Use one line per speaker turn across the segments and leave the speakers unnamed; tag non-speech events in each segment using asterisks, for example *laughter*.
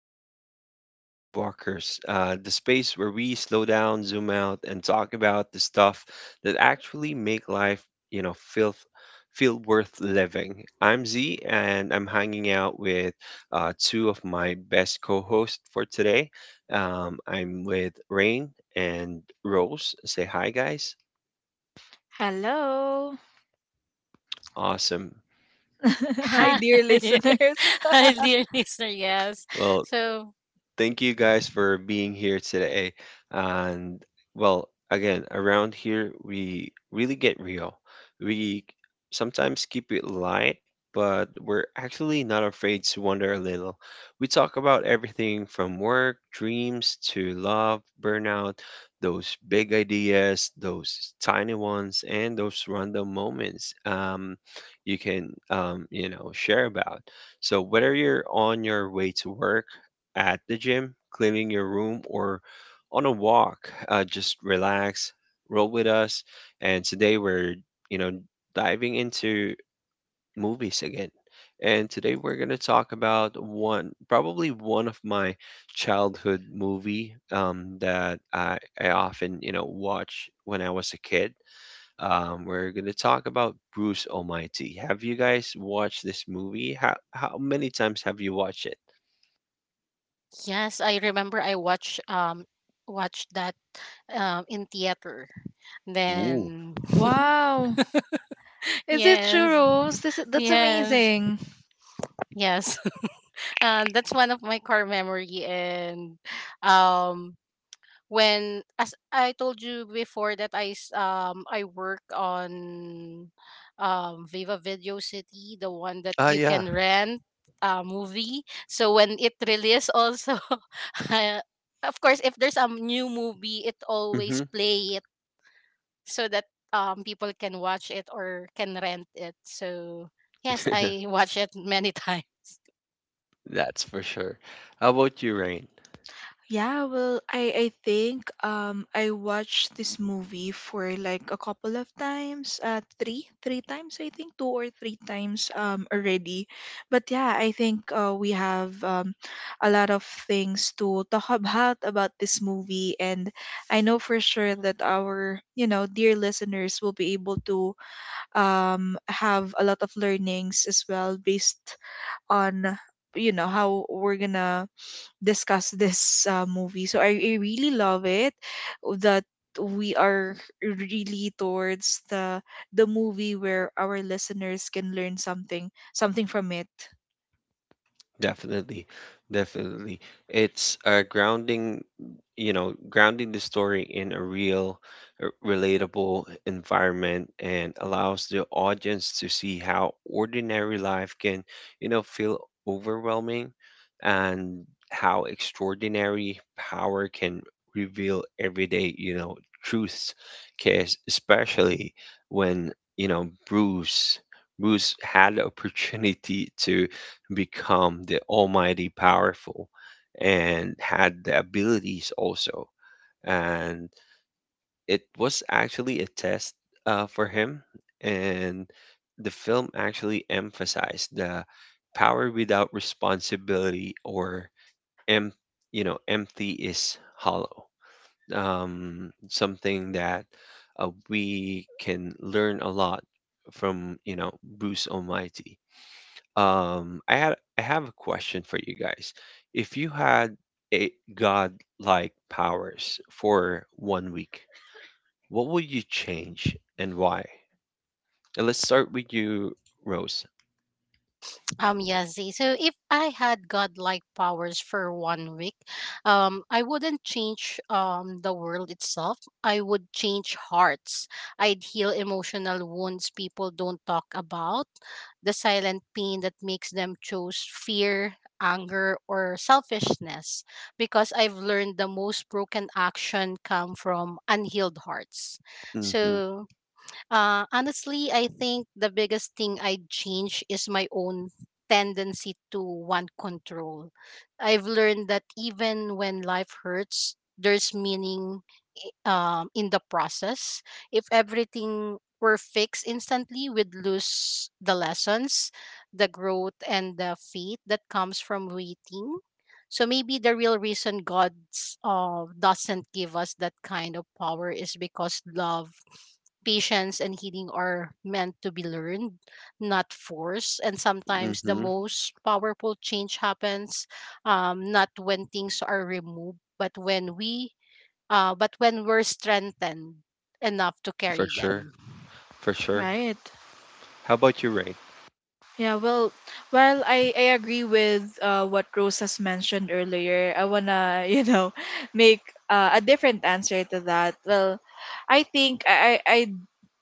Welcome to Vibe Walkers, the space where we slow down, zoom out, and talk about the stuff that actually make life, feel feel worth living. I'm Z, and I'm hanging out with two of my best co-hosts for today. I'm with Rain and Rose. Say hi, guys.
Hello.
Awesome.
*laughs* Hi,
Hi, *laughs*
dear listeners.
hi,
*laughs*
dear listener. *laughs* Yes.
Well,
So
thank you guys for being here today. And well, again, around here we really get real. We sometimes keep it light, but we're actually not afraid to wonder a little. We talk about everything from work, dreams to love, burnout, those big ideas, those tiny ones, and those random moments you can share about. So whether you're on your way to work, at the gym, cleaning your room, or on a walk. Just relax, roll with us. And today we're, you know, diving into movies again. And today we're going to talk about one, probably one of my childhood movie that I often, watch when I was a kid. We're going to talk about Bruce Almighty. Have you guys watched this movie? How many times have you watched it?
yes, I remember I watched watched that in theater.
Ooh.
Then
Wow.
*laughs*
Is it true,
yes,
Rose? That's
yes,
amazing.
yes. *laughs* That's one of my core memory, and um when as I told you before that I work on Viva Video City, the one that
Ah,
you
yeah.
can rent a movie. So when it release also *laughs* I- of course if there's a new movie it
Mm-hmm.
always play it so that people can watch it or can rent it. So yes, I *laughs*
*laughs*
watch it many *laughs* times.
That's for sure. How about you, Rain?
Yeah, well, I think I watched this movie for like a couple of times, three times I think, two or three times already. But yeah, I think we have a lot of things to talk about this movie, and I know for sure that our, you know, dear listeners will be able to have a lot of learnings as well based on, you know, how we're gonna discuss this movie. So I really love it that we are really towards the movie where our listeners can learn something from it.
Definitely, definitely. It's grounding, grounding the story in a real, relatable environment and allows the audience to see how ordinary life can, feel overwhelming, and how extraordinary power can reveal everyday, truths. Case especially when, you know, Bruce Bruce had the opportunity to become the almighty powerful and had the abilities also. And it was actually a test for him. And the film actually emphasized the power without responsibility em- you know, empty is hollow. Something that we can learn a lot from, you know, Bruce Almighty. I have a question for you guys. If you had a godlike powers for 1 week, what would you change and why? And let's start with you, Rose.
Yes, Z. So if I had godlike powers for one week, I wouldn't change the world itself. I would change hearts. I'd heal emotional wounds people don't talk about, the silent pain that makes them choose fear, anger, or selfishness. Because I've learned the most broken action come from unhealed hearts.
Mm-hmm.
So honestly, I think the biggest thing I'd change is my own tendency to want control. I've learned that even when life hurts, there's meaning i- in the process. If everything were fixed instantly, we'd lose the lessons, the growth, and the faith that comes from waiting. So maybe the real reason God doesn't give us that kind of power is because love, Patience, and healing are meant to be learned, not forced. And sometimes the
Mm-hmm.
most powerful change happens, not when things are removed, but when we're strengthened enough to carry
For sure.
them.
For sure.
Right.
How about you, Ray?
Yeah, well, I agree with what Rose has mentioned earlier. I wanna, *laughs* you know, make a different answer to that. Well, I think I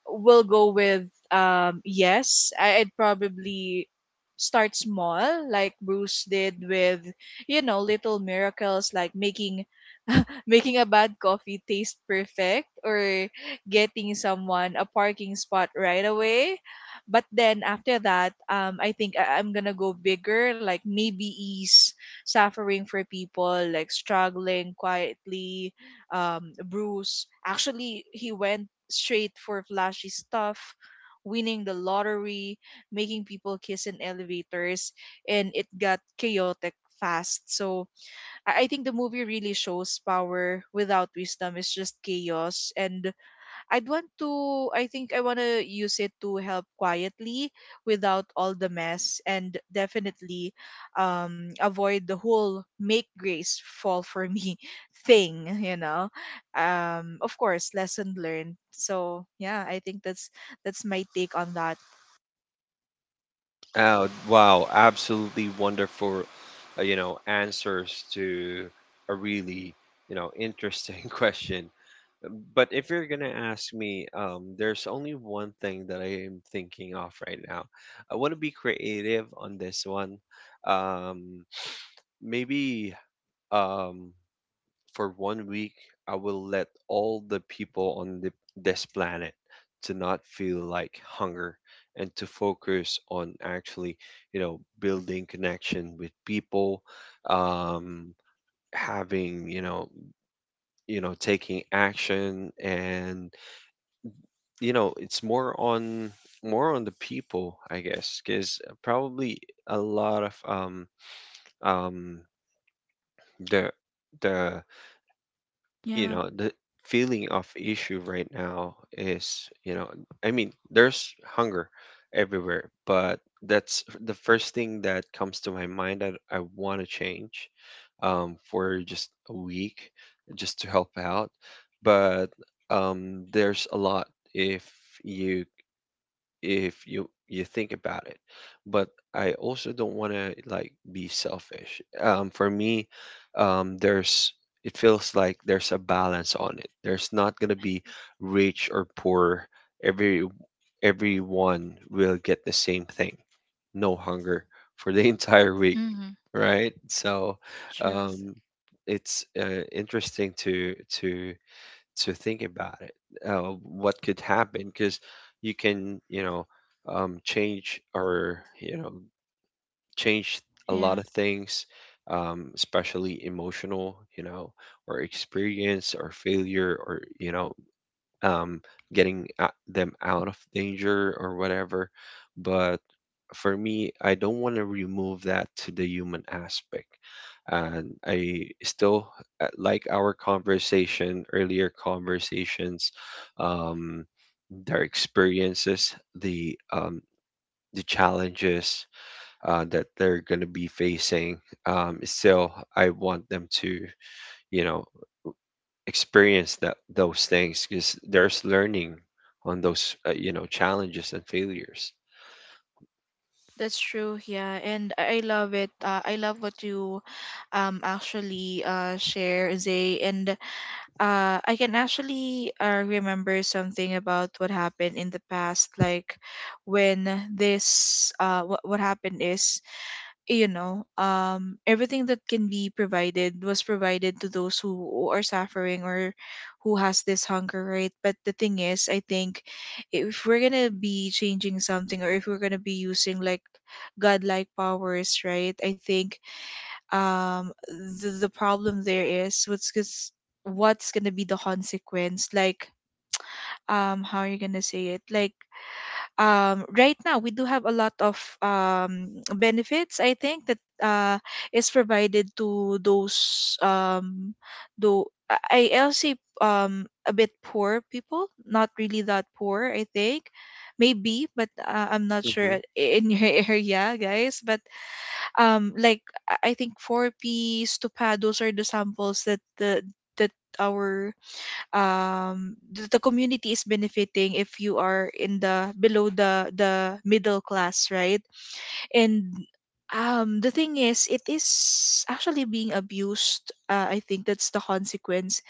will go with yes I'd probably start small like Bruce did with, you know, little miracles like making *laughs* making a bad coffee taste perfect or getting someone a parking spot right away. But then after that, I think I'm gonna go bigger, like maybe ease suffering for people like struggling quietly. Bruce actually, he went straight for flashy stuff, winning the lottery, making people kiss in elevators, and it got chaotic fast. So I think the movie really shows power without wisdom is just chaos, and I'd want to, I think I want to use it to help quietly without all the mess. And definitely avoid the whole "make Grace fall for me" *laughs* thing, you know. Of course, lesson learned. So yeah, I think that's my take on that.
Oh, wow, absolutely wonderful, you know, answers to a really, interesting *laughs* question. But if you're gonna ask me, there's only one thing that I am thinking of right now. I want to be creative on this one. Um, maybe um, for 1 week, I will let all the people on this planet to not feel like hunger and to focus on actually, building connection with people, um, having, taking action. And you know, it's more on the people, I guess, because probably a lot of um the the you
Yeah.
know, the feeling of issue right now is, you know, I mean, there's hunger everywhere, but that's the first thing that comes to my mind that I want to change, for just a week, just to help out. But there's a lot if you you think about it. But I also don't want to like be selfish. For me, there's it feels like there's a balance on it. There's not gonna be rich or poor. Every Everyone will get the same thing. No hunger for the *laughs* entire week,
Mm-hmm.
right? So,
Truth.
um, it's interesting to to think about it, what could happen, because you can, you know, change, or you know, change a lot
Yeah.
of things, especially emotional, you know, or experience or failure, or you know, um, them out of danger or whatever. But for me, I don't want to remove that to the human aspect. And I still, like our conversation, earlier conversations, um, their experiences, the um, the challenges that they're going to be facing. Still, I want them to, you know, experience that those things, because there's learning on those, you know, challenges and failures.
That's true, yeah, and I love it. I love what you actually share, Zay. And I can actually remember something about what happened in the past, like when this what happened is, you know, everything that can be provided was provided to those who are suffering or who has this hunger, right? But the thing is, I think if we're gonna be changing something or if we're gonna be using like godlike powers, right? I think um the problem there is what's gonna be the consequence, like how are you gonna say it. Like right now we do have a lot of benefits, I think, that is provided to those though I'll say a bit poor people, not really that poor, I think, maybe. But I'm not
Hmm.
sure in your *laughs* area, guys. But like I think 4p stupa, those are the samples that the that our the community is benefiting if you are in the below the middle class, right? And the thing is, it is actually being abused. I think that's the consequence.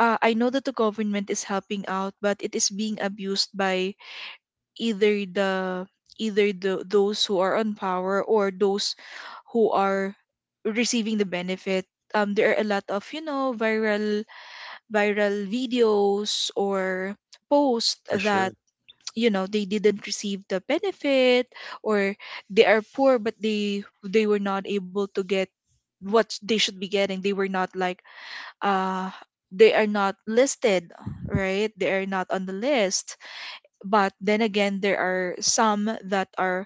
I know that the government is helping out, but it is being abused by either the either the those who are on power or those who are receiving the benefit. There are a lot of, you know, viral videos or posts
For
that,
sure.
you know, they didn't receive the benefit, or they are poor but they were not able to get what they should be getting. They were not like, uh they are not listed, right? They are not on the list. But then again, there are some that are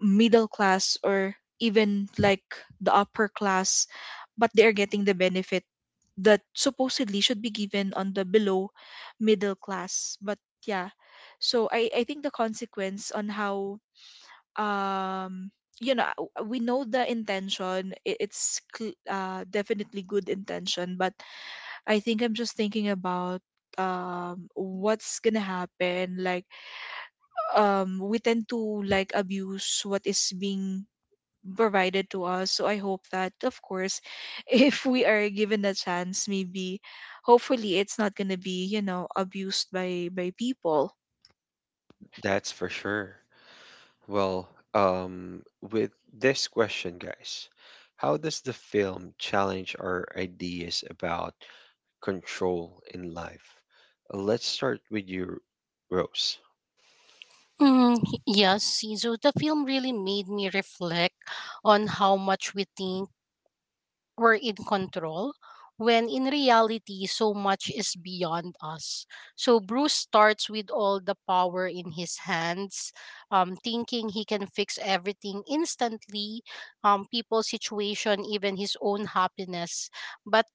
middle class or even like the upper class, but they are getting the benefit that supposedly should be given on the below middle class. But yeah, so I think the consequence on how um you know, we know the intention, definitely good intention. But I think I'm just thinking about what's gonna happen. Like we tend to like abuse what is being provided to us, so I hope that, of course, *laughs* if we are given a chance, maybe hopefully it's not going to be, you know, abused by people.
That's for sure. Well, um, with this question, guys, how does the film challenge our ideas about control in life? Let's start with you, Rose.
Mm, yes, so the film really made me reflect on how much we think we're in control when in reality so much is beyond us. So Bruce starts with all the power in his hands, thinking he can fix everything instantly, people's situation, even his own happiness, but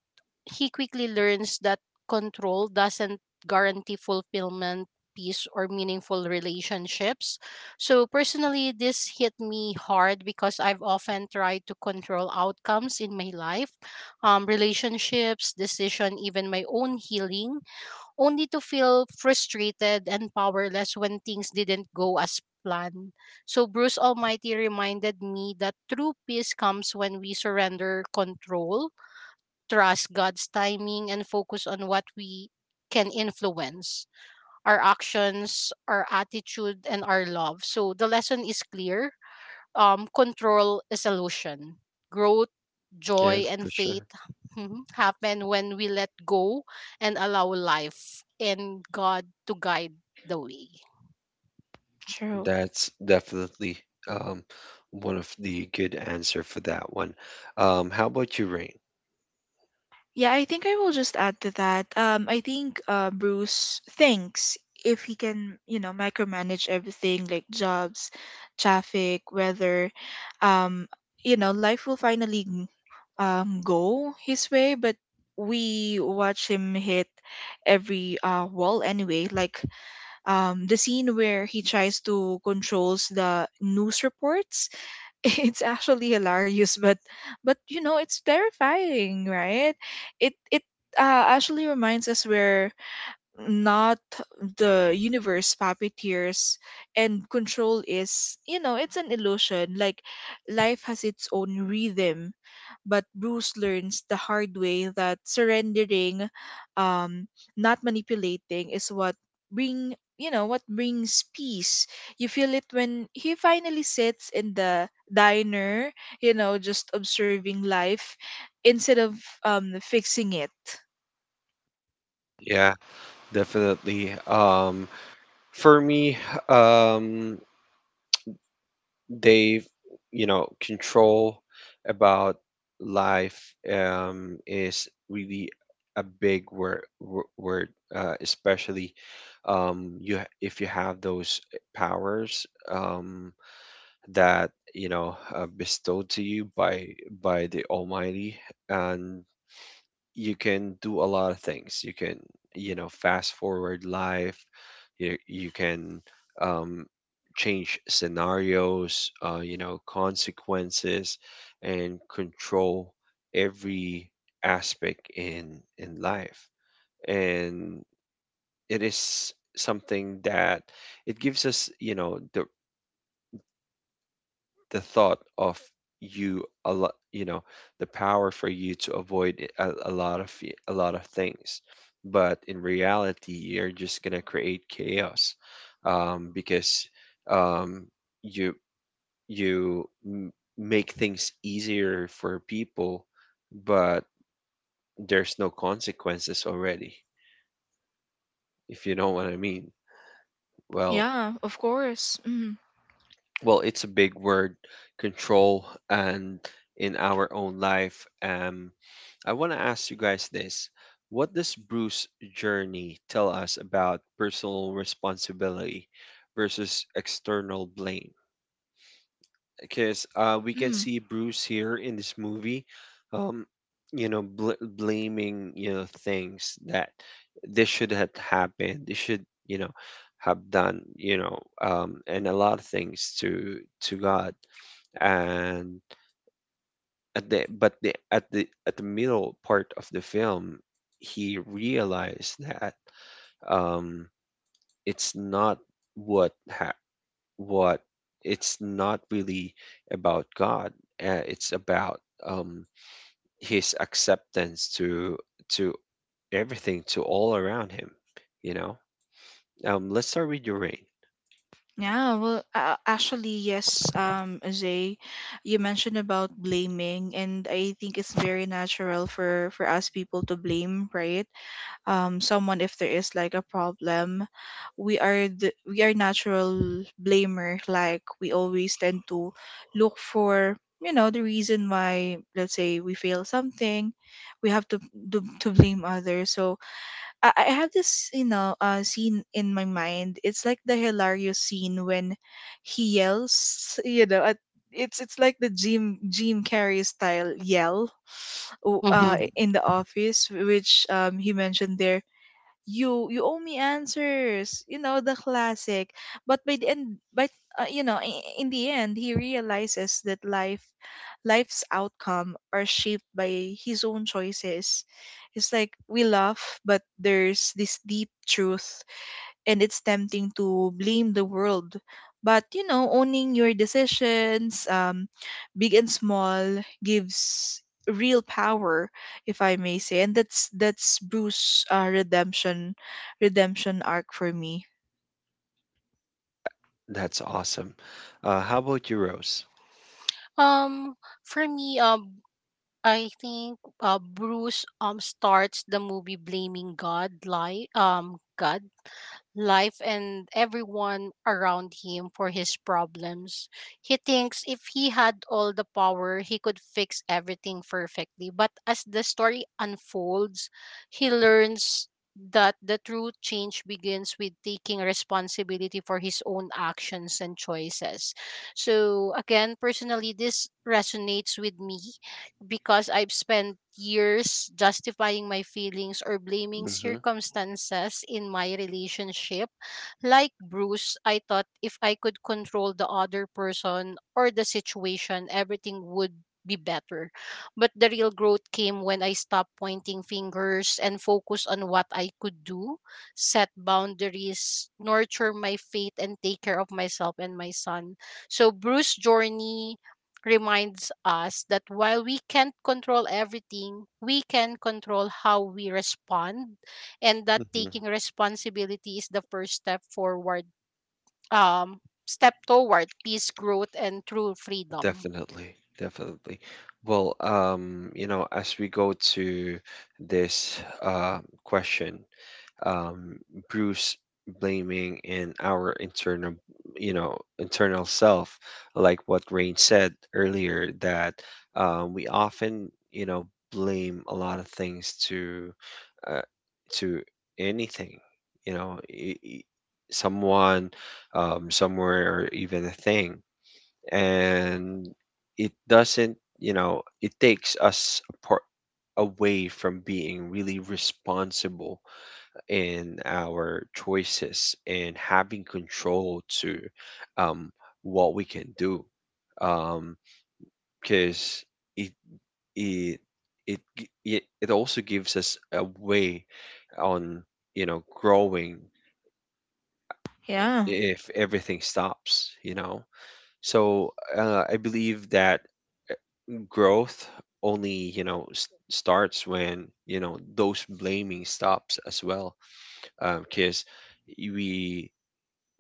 he quickly learns that control doesn't guarantee fulfillment, peace, or meaningful relationships. So personally, this hit me hard because I've often tried to control outcomes in my life, relationships, decision, even my own healing, only to feel frustrated and powerless when things didn't go as planned. So Bruce Almighty reminded me that true peace comes when we surrender control, trust God's timing, and focus on what we can influence: our actions, our attitude, and our love. So the lesson is clear. Control is illusion. Growth,
Yeah,
joy, and
for sure.
faith *laughs* happen when we let go and allow life and God to guide the way.
True.
That's definitely um, one of the good answer for that one. How about you, Rain?
Yeah, I think I will just add to that. I think Bruce thinks if he can, you know, micromanage everything, like jobs, traffic, weather, um, you know, life will finally go his way. But we watch him hit every wall anyway. Like the scene where he tries to controls the news reports, *laughs* it's actually hilarious, but you know it's terrifying, right? it Actually reminds us where not the universe puppeteers, and control is, you know, it's an illusion. Like life has its own rhythm, but Bruce learns the hard way that surrendering, um not manipulating, is what bring you know, what brings peace. You feel it when he finally sits in the diner, you know, just observing life instead of fixing it.
Yeah, definitely. For me, um, they you know, control about life is really a big word, especially if you have those powers, that you know, bestowed to you by the Almighty, and you can do a lot of things. You can, you know, fast forward life. You can um, change scenarios, you know, consequences, and control every aspect in life. And it is something that it gives us, you know, the thought of you a lot, you know, the power for you to avoid a lot of a lot of things, but in reality you're just gonna create chaos, because um, you you m- make things easier for people, but there's no consequences already, if you know what I mean. well
Yeah, of course. Mm.
well, it's a big word, control, and in our own life. I want to ask you guys this. What does Bruce journey tell us about personal responsibility versus external blame? Because we can
Mm.
see Bruce here in this movie, um, you know, blaming, you know, things that this should have happened, this should, you know, have done, you know, and a lot of things to God. And at the middle part of the film he realized that um it's not what ha- what it's not really about God, it's about um his acceptance to to everything, to all around him, you know. Let's start with your rain.
Yeah, well, actually, yes, Zay, you mentioned about blaming, and I think it's very natural for us people to blame, right? Someone if there is like a problem, we are the we are natural blamer. Like we always tend to look for, you know, the reason why, let's say, we fail something, we have to to blame others. So I have this, you know, scene in my mind. It's like the hilarious scene when he yells, you know, at, it's like the Jim Carrey style yell,
Mhm.
Hmm.
in the office, which he mentioned there, You owe me answers," you know, the classic. But by the end, but you know, in the end, he realizes that life's outcome are shaped by his own choices. It's like we laugh, but there's this deep truth, and it's tempting to blame the world. But you know, owning your decisions, big and small, gives real power, if I may say. And that's Bruce' redemption arc for me.
That's awesome. Uh, how about your rose?
Um, for me, I think, Bruce starts the movie blaming God, life, and everyone around him for his problems. He thinks if he had all the power, he could fix everything perfectly. But as the story unfolds, he learns that the true change begins with taking responsibility for his own actions and choices. So again, personally, this resonates with me because I've spent years justifying my feelings or blaming circumstances in my relationship. Like Bruce, I thought if I could control the other person or the situation, everything would be better. But the real growth came when I stopped pointing fingers and focused on what I could do: set boundaries, nurture my faith, and take care of myself and my son. So Bruce journey reminds us that while we can't control everything, we can control how we respond, and that
Hmm.
taking responsibility is the first step forward, um step toward peace, growth, and true freedom.
Definitely, definitely. Well, you know, as we go to this question, um, Bruce, blaming in our internal, internal self, like what Rain said earlier, that we often, blame a lot of things uh, to anything, you know, someone, somewhere, or even a thing. And it doesn't, you know, it takes us apart, away from being really responsible in our choices and having control to um, what we can do, because it it it it also gives us a way on, you know, growing,
Yeah,
if everything stops, you know. So I believe that growth only, you know, s starts when, you know, those blaming stops as well, because we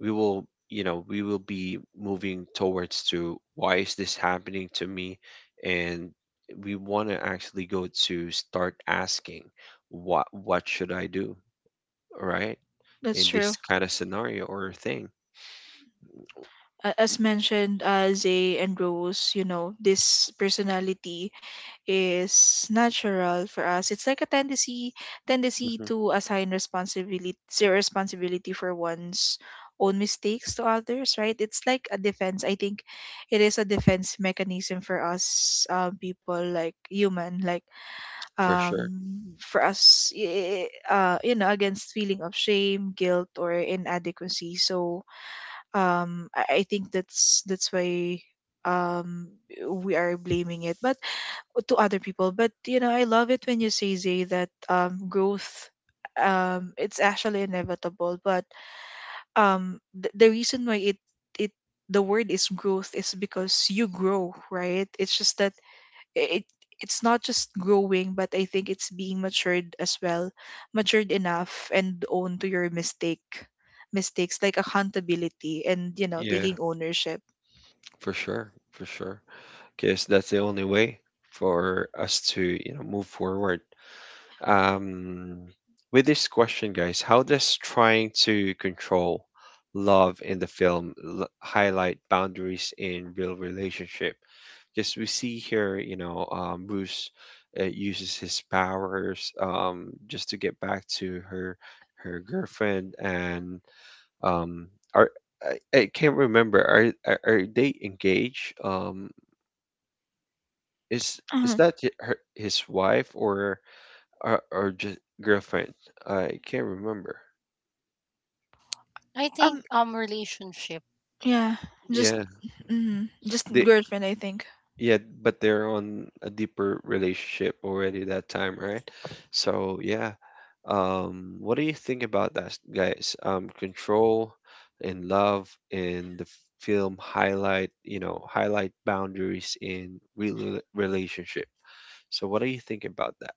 we will, you know, we will be moving towards to, why is this happening to me? And we want to actually go to start asking, what should I do, right,
that's
in
true.
this kind of scenario or thing?
A- As mentioned, Zay and Rose, you know, this personality is natural for us. It's like a tendency
Mhm.
to assign responsibility for one's own mistakes to others, right? It's like a defense. I think it is a defense mechanism for us people, like human, like
For sure.
for us, you know, against feeling of shame, guilt, or inadequacy. So I think that's why um, we are blaming it. But to other people. But you know, I love it when you say Zay that growth, it's actually inevitable. But the reason why it it the word is growth is because you grow, right? It's just that it it's not just growing, but I think it's being matured as well, matured enough and own to your mistakes, like accountability and, you know,
yeah
taking ownership.
for sure, for sure, because that's the only way for us to, you know, move forward. um, with this question, guys, how does trying to control love in the film highlight boundaries in real relationship? Because we see here, you know, Bruce uses his powers just to get back to her, her girlfriend. And um, are I can't remember, are, are they engaged, is
Mhm.
that her, his wife, or just girlfriend? I can't remember.
I think
Um,
relationship.
yeah, just
Yeah,
mm, just
they
girlfriend, I think.
yeah, but they're on a deeper relationship already that time, right? So yeah, what do you think about that, guys? Control and love in the film highlight, you know, highlight boundaries in real relationship. So what do you think about that?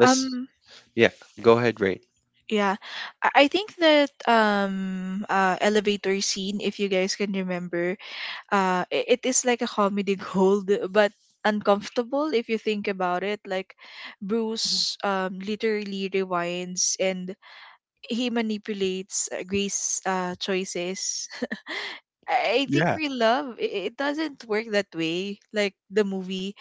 Let's—
Um,
yeah, go ahead, Rain.
yeah, I think that elevator scene, if you guys can remember, it is like a comedy *laughs* gold, but uncomfortable if you think about it. Like
Mhm.
Bruce literally rewinds and he manipulates Grace's choices. I think real love, it doesn't work that way. Like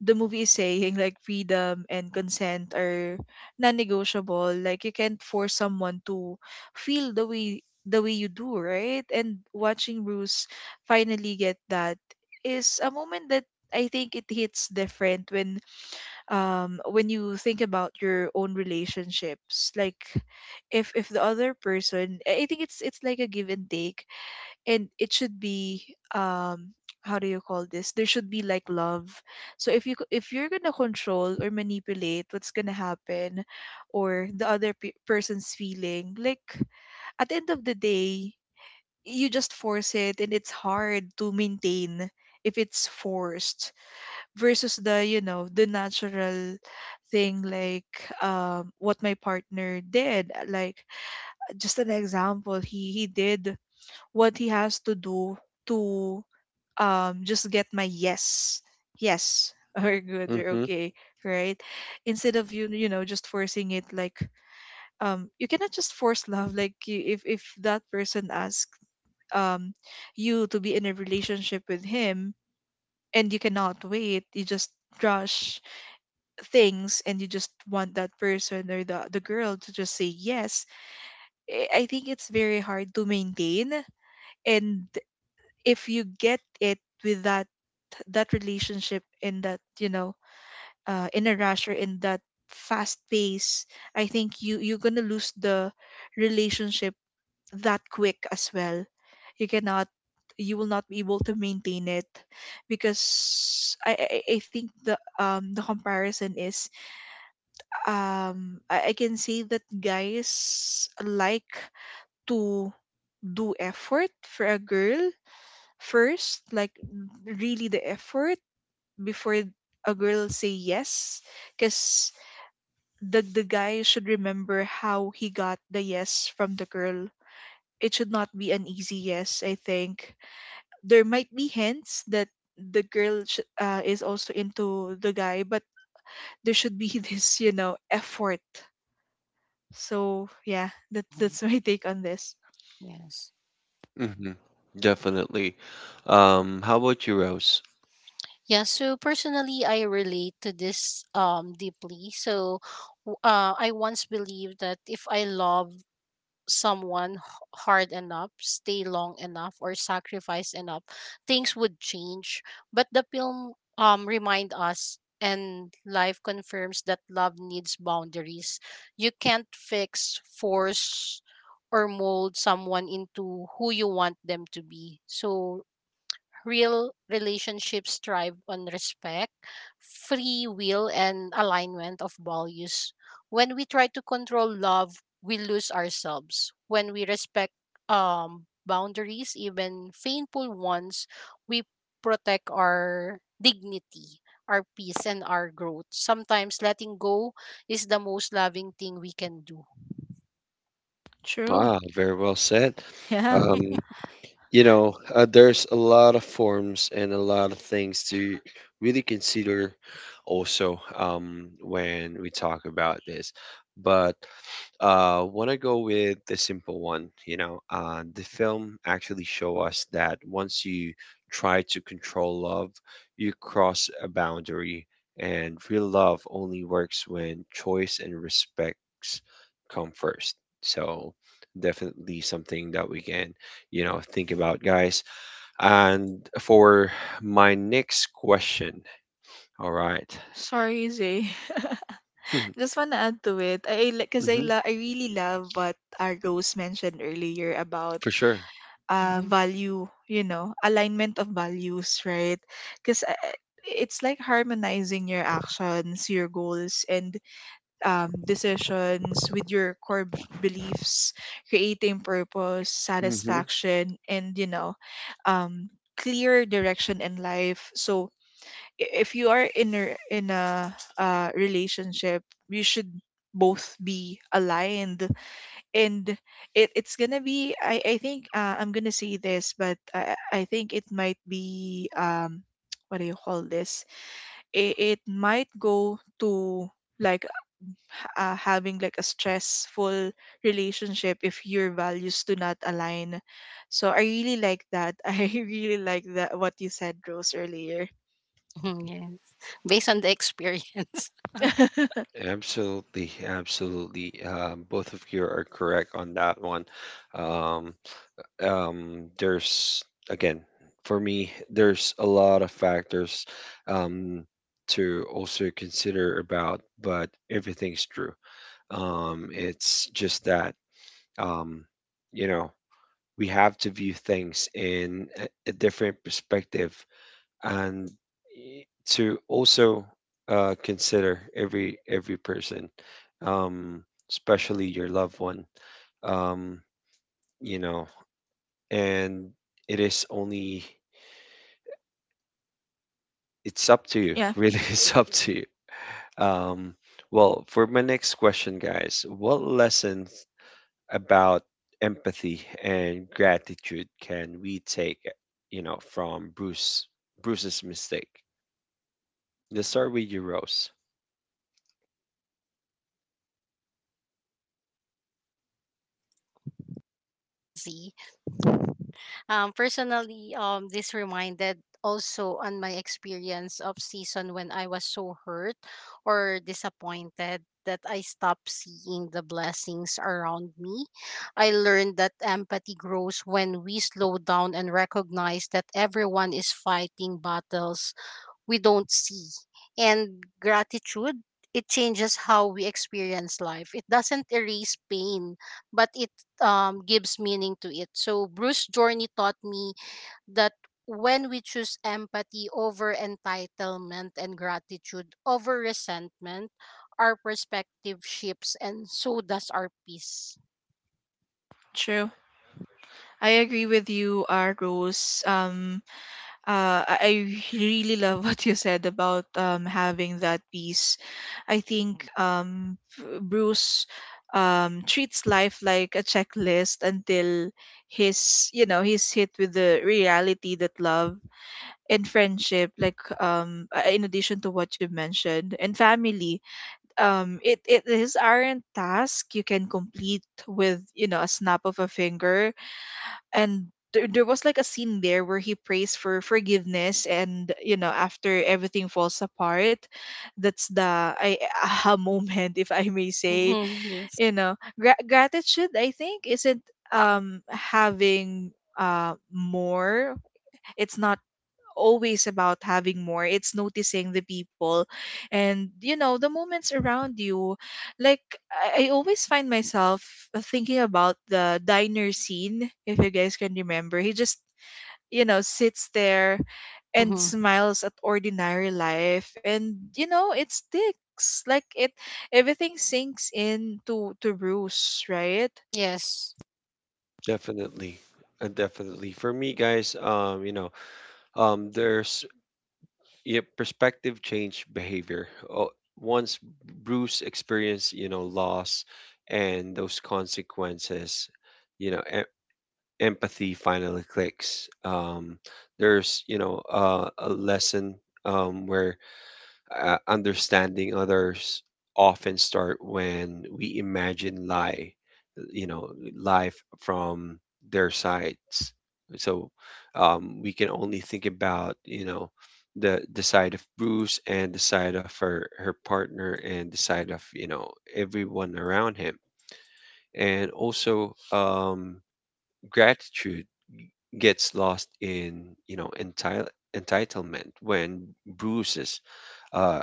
the movie is saying like freedom and consent are non-negotiable. Like you can't force someone to feel the way you do, right? And watching Bruce finally get that is a moment that I think it hits different when you think about your own relationships. Like if the other person, I think it's like a give and take, and it should be, um how do you call this, there should be like love. So if you if you're going to control or manipulate what's going to happen, or the other person's feeling, like at the end of the day, you just force it and it's hard to maintain if it's forced versus the the natural thing. Like what my partner did, like just an example, he did what he has to do to just get my yes, yes. *laughs* We're good, we're
Mm-hmm.
okay, right? Instead of you you know just forcing it, like you cannot just force love, like if that person asks um you to be in a relationship with him, and you cannot wait, you just rush things and you just want that person or the girl to just say yes. I think it's very hard to maintain. And if you get it with that, that relationship, in that, in a rush or in that fast pace, I think you're gonna lose the relationship that quick as well. You cannot, you will not be able to maintain it, because I think the comparison is, I can say that guys like to do effort for a girl first, like really the effort before a girl say yes, because the guy should remember how he got the yes from the girl. It should not be an easy yes. I think there might be hints that the girl is also into the guy, but there should be *laughs* this effort. So yeah, that
Mhm.
that's my take on this.
Yes.
Hmm. Definitely. How about you, Rose?
Yeah, so personally I relate to this deeply. So I once believed that if I love someone hard enough, stay long enough, or sacrifice enough, things would change. But the film, remind us, and life confirms, that love needs boundaries. You can't fix, force, or mold someone into who you want them to be. So Real relationships thrive on respect, free will, and alignment of values. When we try to control love, we lose ourselves. When we respect boundaries, even painful ones, we protect our dignity, our peace, and our growth. Sometimes letting go is the most loving thing we can do.
True.
Ah, very well said.
Yeah.
Um,
*laughs*
you know, there's a lot of forms and a lot of things to really consider also, when we talk about this. But— uh, want to go with the simple one. You know, the film actually show us that once you try to control love, you cross a boundary, and real love only works when choice and respects come first. So definitely something that we can, you know, think about, guys. And for my next question, all right.
Sorry, Zay. *laughs*
*laughs*
Just want to add to it. I like, cuz
Mhm.
I really love what Rose mentioned earlier about
For sure.
Hmm,
value, you know, alignment of values, right? Cuz it's like harmonizing your actions, your goals, and decisions with your core beliefs, creating purpose,
Hmm.
satisfaction, and um clear direction in life. So if you are in a relationship, you should both be aligned, and it's gonna be, I think, I'm gonna say this, but I think it might be *tsk* what do you call this, it might go to, like, having like a stressful relationship if your values do not align. So I really like that, *laughs* I really like that, what you said, Rose, earlier.
hmm, yes. Based on the experience. *laughs*
*laughs*
Absolutely, absolutely. Both of you are correct on that one. Um, um, there's again, for me, there's a lot of factors um, to also consider about, but everything's true. It's just that um, you know, we have to view things in a different perspective, and to also consider every person, um, especially your loved one. Um, you know, and it is only it's up to you. *laughs*
Yeah.
Really, it's up to you. Um, well, for my next question, guys, what lessons about empathy and gratitude can we take, you know, from Bruce's mistake? Let's start with you, Rose.
Yes. Personally, this reminded also on my experience of season when I was so hurt or disappointed that I stopped seeing the blessings around me. I learned that empathy grows when we slow down and recognize that everyone is fighting battles we don't see. And gratitude, it changes how we experience life. It doesn't erase pain, but it, gives meaning to it. So Bruce Journey taught me that when we choose empathy over entitlement and gratitude over resentment, our perspective shifts, and so does our peace.
True. I agree with you, Rose. I *laughs* really love what you said about having that peace. I think, Bruce treats life like a checklist until he's hit with the reality that love and friendship, like in addition to what you mentioned, and family, it is aren't task you can complete with a snap of a finger. And there was like a scene there where he prays for forgiveness, and after everything falls apart, that's the aha *laughs* moment, if I may say.
Mm-hmm. Yes.
Gratitude, I think, isn't having more, it's not always about having more. It's noticing the people, and, the moments around you. Like, I always find myself thinking about the diner scene, if you guys can remember. He just, sits there and
Mm-hmm.
smiles at ordinary life, and it sticks. Like, it, everything sinks in to Bruce, right?
Yes.
Definitely. Definitely. For me, guys, you know, there's yeah, perspective change behavior. Oh, once Bruce experienced, you know, loss and those consequences, you know, em empathy finally clicks. There's, a lesson, where understanding others often start when we imagine lie you know life from their sides. So, we can only think about, the side of Bruce and the side of her partner and the side of, everyone around him. And also, gratitude gets lost in, you know entitle entitlement when Bruce's, uh,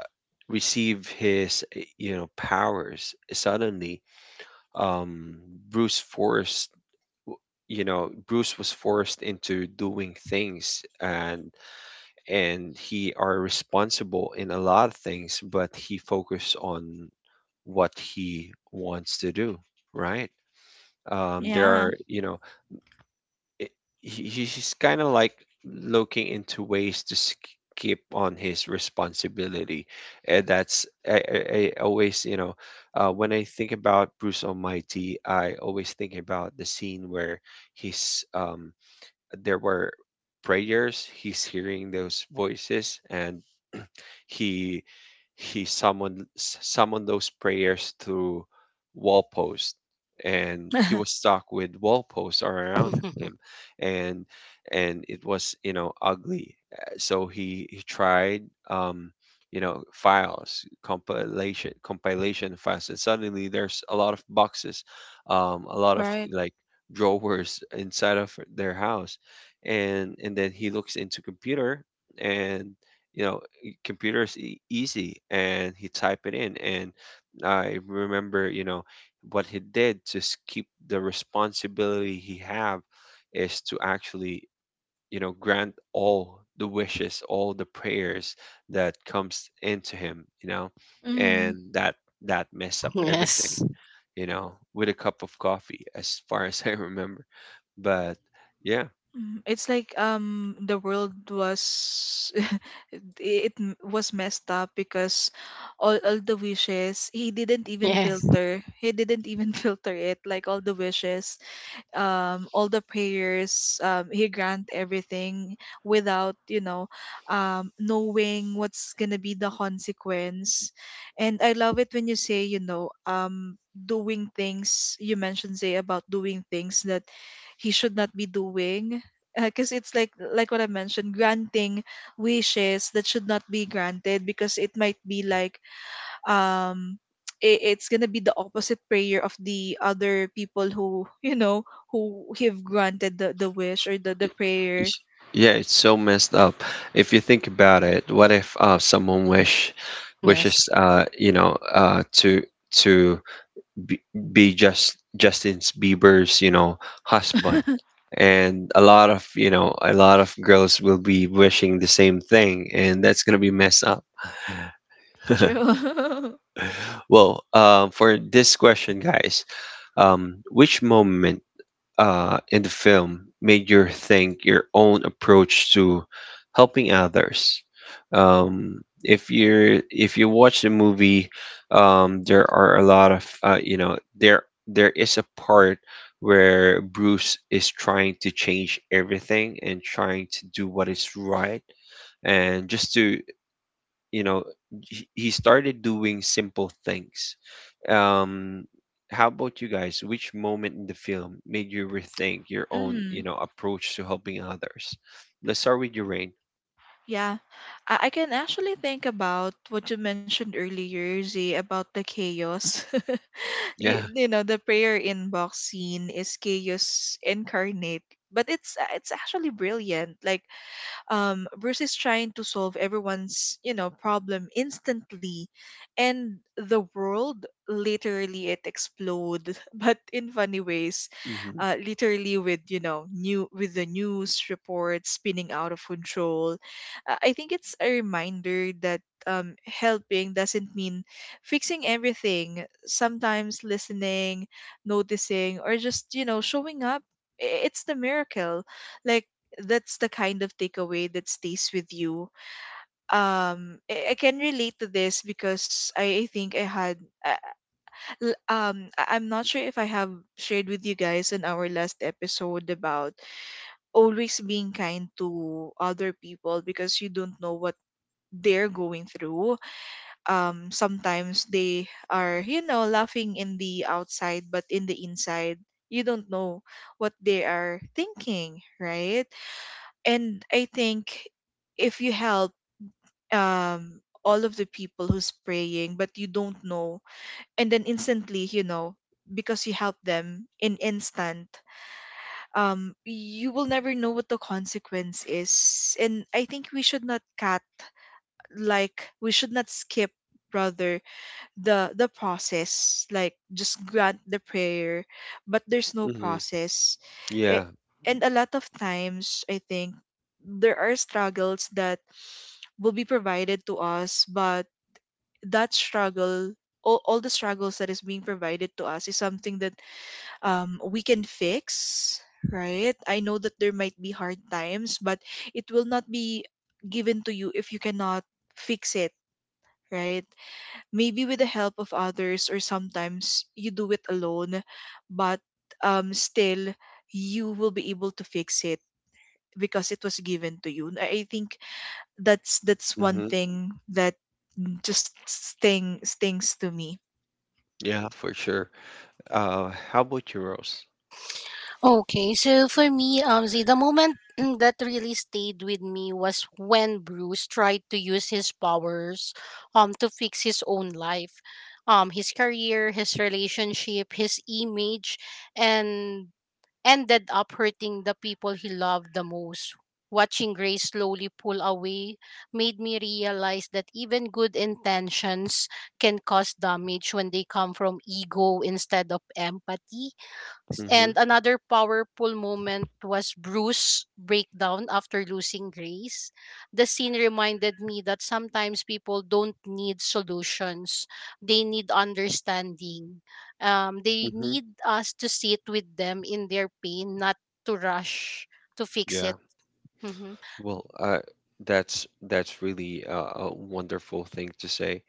receive his, powers suddenly. um, bruce forced Bruce was forced into doing things, and he are responsible in a lot of things, but he focused on what he wants to do, right? There
Yeah.
are you know it, he- He's kind of like looking into ways to skip on his responsibility. And that's, I always, when I think about Bruce Almighty, I always think about the scene where he's, there were prayers, he's hearing those voices, and he he summoned those prayers through wall posts, and he was
*laughs*
stuck with wall posts all around him.
*laughs*
And and it was, ugly. So he tried, um files, compilation files, and suddenly there's a lot of boxes, a lot of
Right.
like drawers inside of their house. And then he looks into computer, and, you know computers easy, and he typed it in. And I remember, what he did to keep the responsibility he have is to actually, grant all the wishes, all the prayers that comes into him,
Mm-hmm.
and that messed up everything,
Yes.
with a cup of coffee, as far *laughs* as I remember. But, yeah.
It's like the world was *laughs* was messed up, because all the wishes, he didn't even
Yes.
filter, he didn't even *laughs* filter it, like all the wishes, all the prayers. He grant everything without, knowing what's gonna be the consequence. And I love it when you say, doing things. You mentioned say about doing things that he should not be doing. Because it's like what I mentioned, granting wishes that should not be granted, because it might be like, um it's gonna be the opposite prayer of the other people, who *laughs* who have granted the wish, or the
Y-
prayer.
Yeah, it's so messed up. If you think about it, what if, someone wish
Yes.
wishes to, to be, be just Justin Bieber's, husband, and a lot of, a lot of girls will be wishing the same thing, and that's gonna be messed up.
True. *laughs*
Well, for this question, guys, which moment in the film made you think your own approach to helping others. Um, if you watch the movie, there are a lot of, there is a part where Bruce is trying to change everything and trying to do what is right, and just to, you know he started doing simple things. um, how about you guys? Which moment in the film made you rethink your own, you
Mm,
know, approach to helping others? Let's start with your Rain.
yeah. I can actually think about what you mentioned earlier, Z, about the chaos. *laughs*
Yeah. *laughs*
The prayer inbox scene is chaos incarnate. But it's actually brilliant. Like, versus trying to solve everyone's problem instantly, and the world, literally, it exploded, *laughs* but in funny ways,
Mm-hmm.
literally with the news reports spinning out of control. I think it's a reminder that, helping doesn't mean fixing everything. Sometimes listening, noticing, or just showing up. It's the miracle. Like, that's the kind of takeaway that stays with you. I can relate to this, because I think I had. I'm not sure if I have shared with you guys in our last episode about always being kind to other people because you don't know what they're going through. Sometimes they are, laughing in the outside, but in the inside, you don't know what they are thinking, right? And I think, if you help, all of the people who's praying, but you don't know, and then, instantly, because you help them in instant, you will never know what the consequence is. And I think we should not cut, like we should not skip, rather the process, like just grant the prayer, but there's no
Mm-hmm.
process. it,
Yeah.
and a lot of times I think there are struggles that will be provided to us, but that struggle, all the struggles that is being provided to us is something that, we can fix, right? I know that there might be hard times, but it will not be given to you if you cannot fix it, right? Maybe with the help of others, or sometimes you do it alone, but still, you will be able to fix it, because it was given to you. I think that's one
Mm-hmm.
thing that just stings to me.
Yeah, for sure. How about you, Rose?
Okay, so for me, see, the moment *clears throat* that really stayed with me was when Bruce tried to use his powers, to fix his own life, his career, his relationship, his image, and ended up hurting the people he loved the most. Watching Grace slowly pull away made me realize that even good intentions can cause damage when they come from ego instead of empathy.
Mm-hmm.
And another powerful moment was Bruce's breakdown after losing Grace. The scene reminded me that sometimes people don't need solutions, they need understanding. They
Mm-hmm.
need us to sit with them in their pain, not to rush to fix
Yeah.
it. Mm-hmm.
Well, that's really, a wonderful thing to say.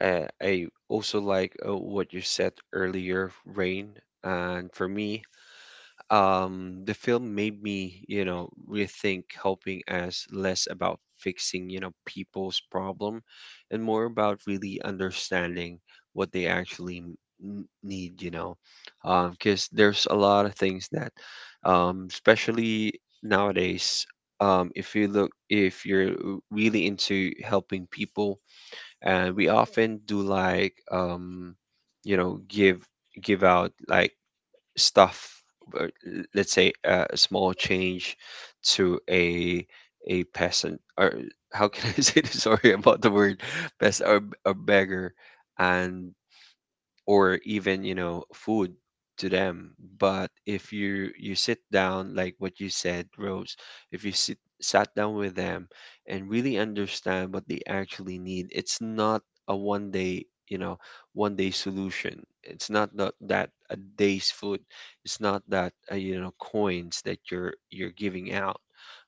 I also like, what you said earlier, Rain. And for me, the film made me, you know, rethink helping as less about fixing, you know, people's problem, and more about really understanding what they actually need, you know, because there's a lot of things that, especially nowadays, if you look, if you're really into helping people, and we often do like, you know, give out like stuff, uh, l- let's say, a small change to a peasant, or how can I *laughs* say this, sorry about the word, peasant or a beggar, and or even, food to them. But if you sit down, like what you said, Rose. If you sit sat down with them and really understand what they actually need, it's not a one day, one day solution. It's not that, that a day's food. It's not that, coins that you're giving out,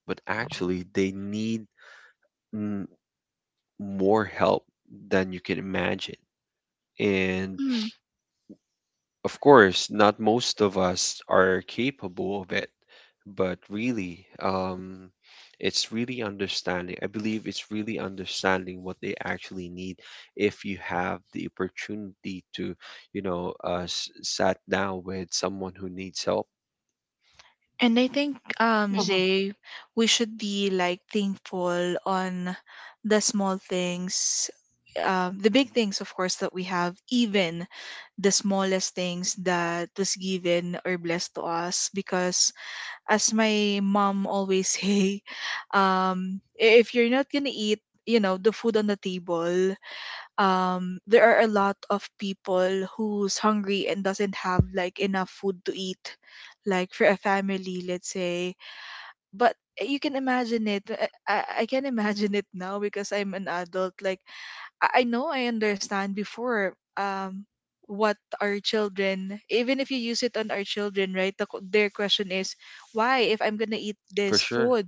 but actually they need, mm, more help than you can imagine. And, of course, not most of us are capable of it, but really, it's really understanding. I believe it's really understanding what they actually need. If you have the opportunity to, you know, sat down with someone who needs help,
And I think,
Mm-hmm.
Jay, we should be like thankful on the small things, the big things, of course, that we have, even the smallest things that was given or blessed to us. Because, as my mom always *laughs* say, if you're not gonna eat, the food on the table, there are a lot of people who's hungry and doesn't have like enough food to eat, like for a family, let's say. But you can imagine it. I can imagine it now, because I'm an adult. Like, I know, I understand before, what our children, even if you use it on our children, right, their question is, why, if I'm gonna eat
for
this
sure.
food,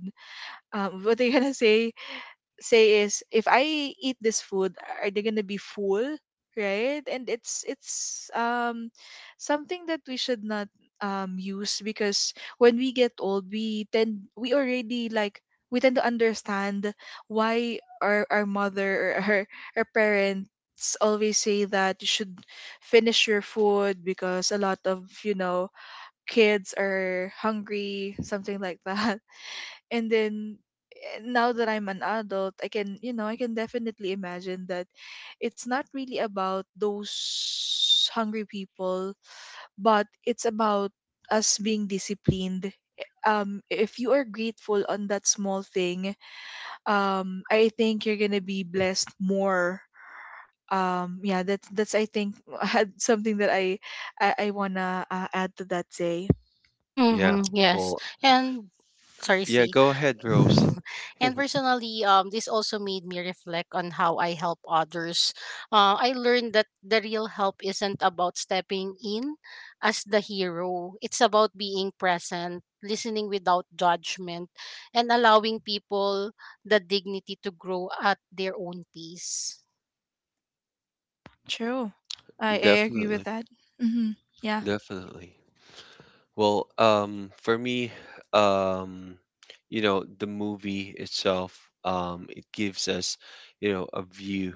what they gonna *laughs* say is, if I eat this food, are they gonna be full? Right? And it's something that we should not use, because when we get old, we tend we already like we tend to understand why our mother, or our parents, always say that you should finish your food because a lot of kids are hungry, something like *laughs* that. And then, now that I'm an adult, I can definitely imagine that it's not really about those hungry people, but it's about us being disciplined. If you are grateful on that small thing, I think you're gonna be blessed more. Yeah, that's I think *laughs* had something that I wanna add to that. Say.
Yeah.
Mm-hmm. Yes.
Well,
And sorry,
yeah.
see.
Go ahead, Rose.
*laughs* and
*laughs*
personally, um, this also made me reflect on how I help others. I learned that the real help isn't about stepping in as the hero, it's about being present, listening without judgment, and allowing people the dignity to grow at their own pace.
True. I agree with
Definitely,
that. Mm-hmm. Yeah.
definitely. Well, for me, um, you know, the movie itself, it gives us, you know, a view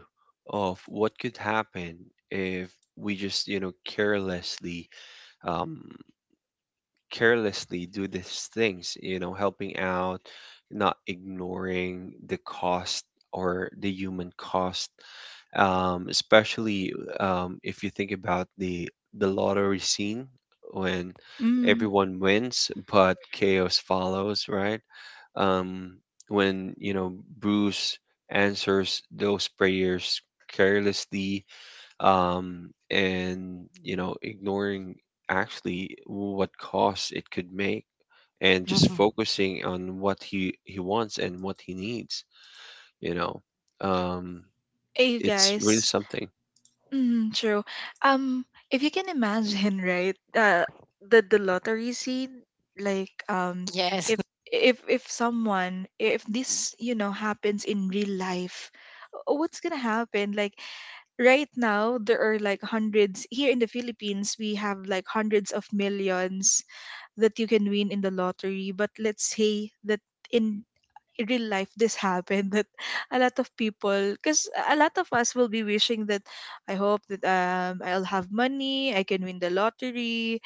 of what could happen if we just, you know, um, carelessly do these things, you know, helping out, not ignoring the cost or the human cost, especially, if you think about the lottery scene when everyone wins but chaos follows, right? Um, when, Bruce answers those prayers carelessly, um, and, ignoring actually what cost it could make, and just
Mhm.
focusing on what he wants and what he needs, you know um
Hey, you
it's really
guys.
something.
Mm, true. If you can imagine, *laughs* right? The lottery scene, like,
Yes.
if
*laughs*
if someone, if this, happens in real life, what's gonna happen? Like, right now, there are like hundreds here in the Philippines. We have like hundreds of millions that you can win in the lottery. But let's say that in real life this happened, that a lot of people, because a lot of us will be wishing that, I hope that, I'll have money, I can win the lottery,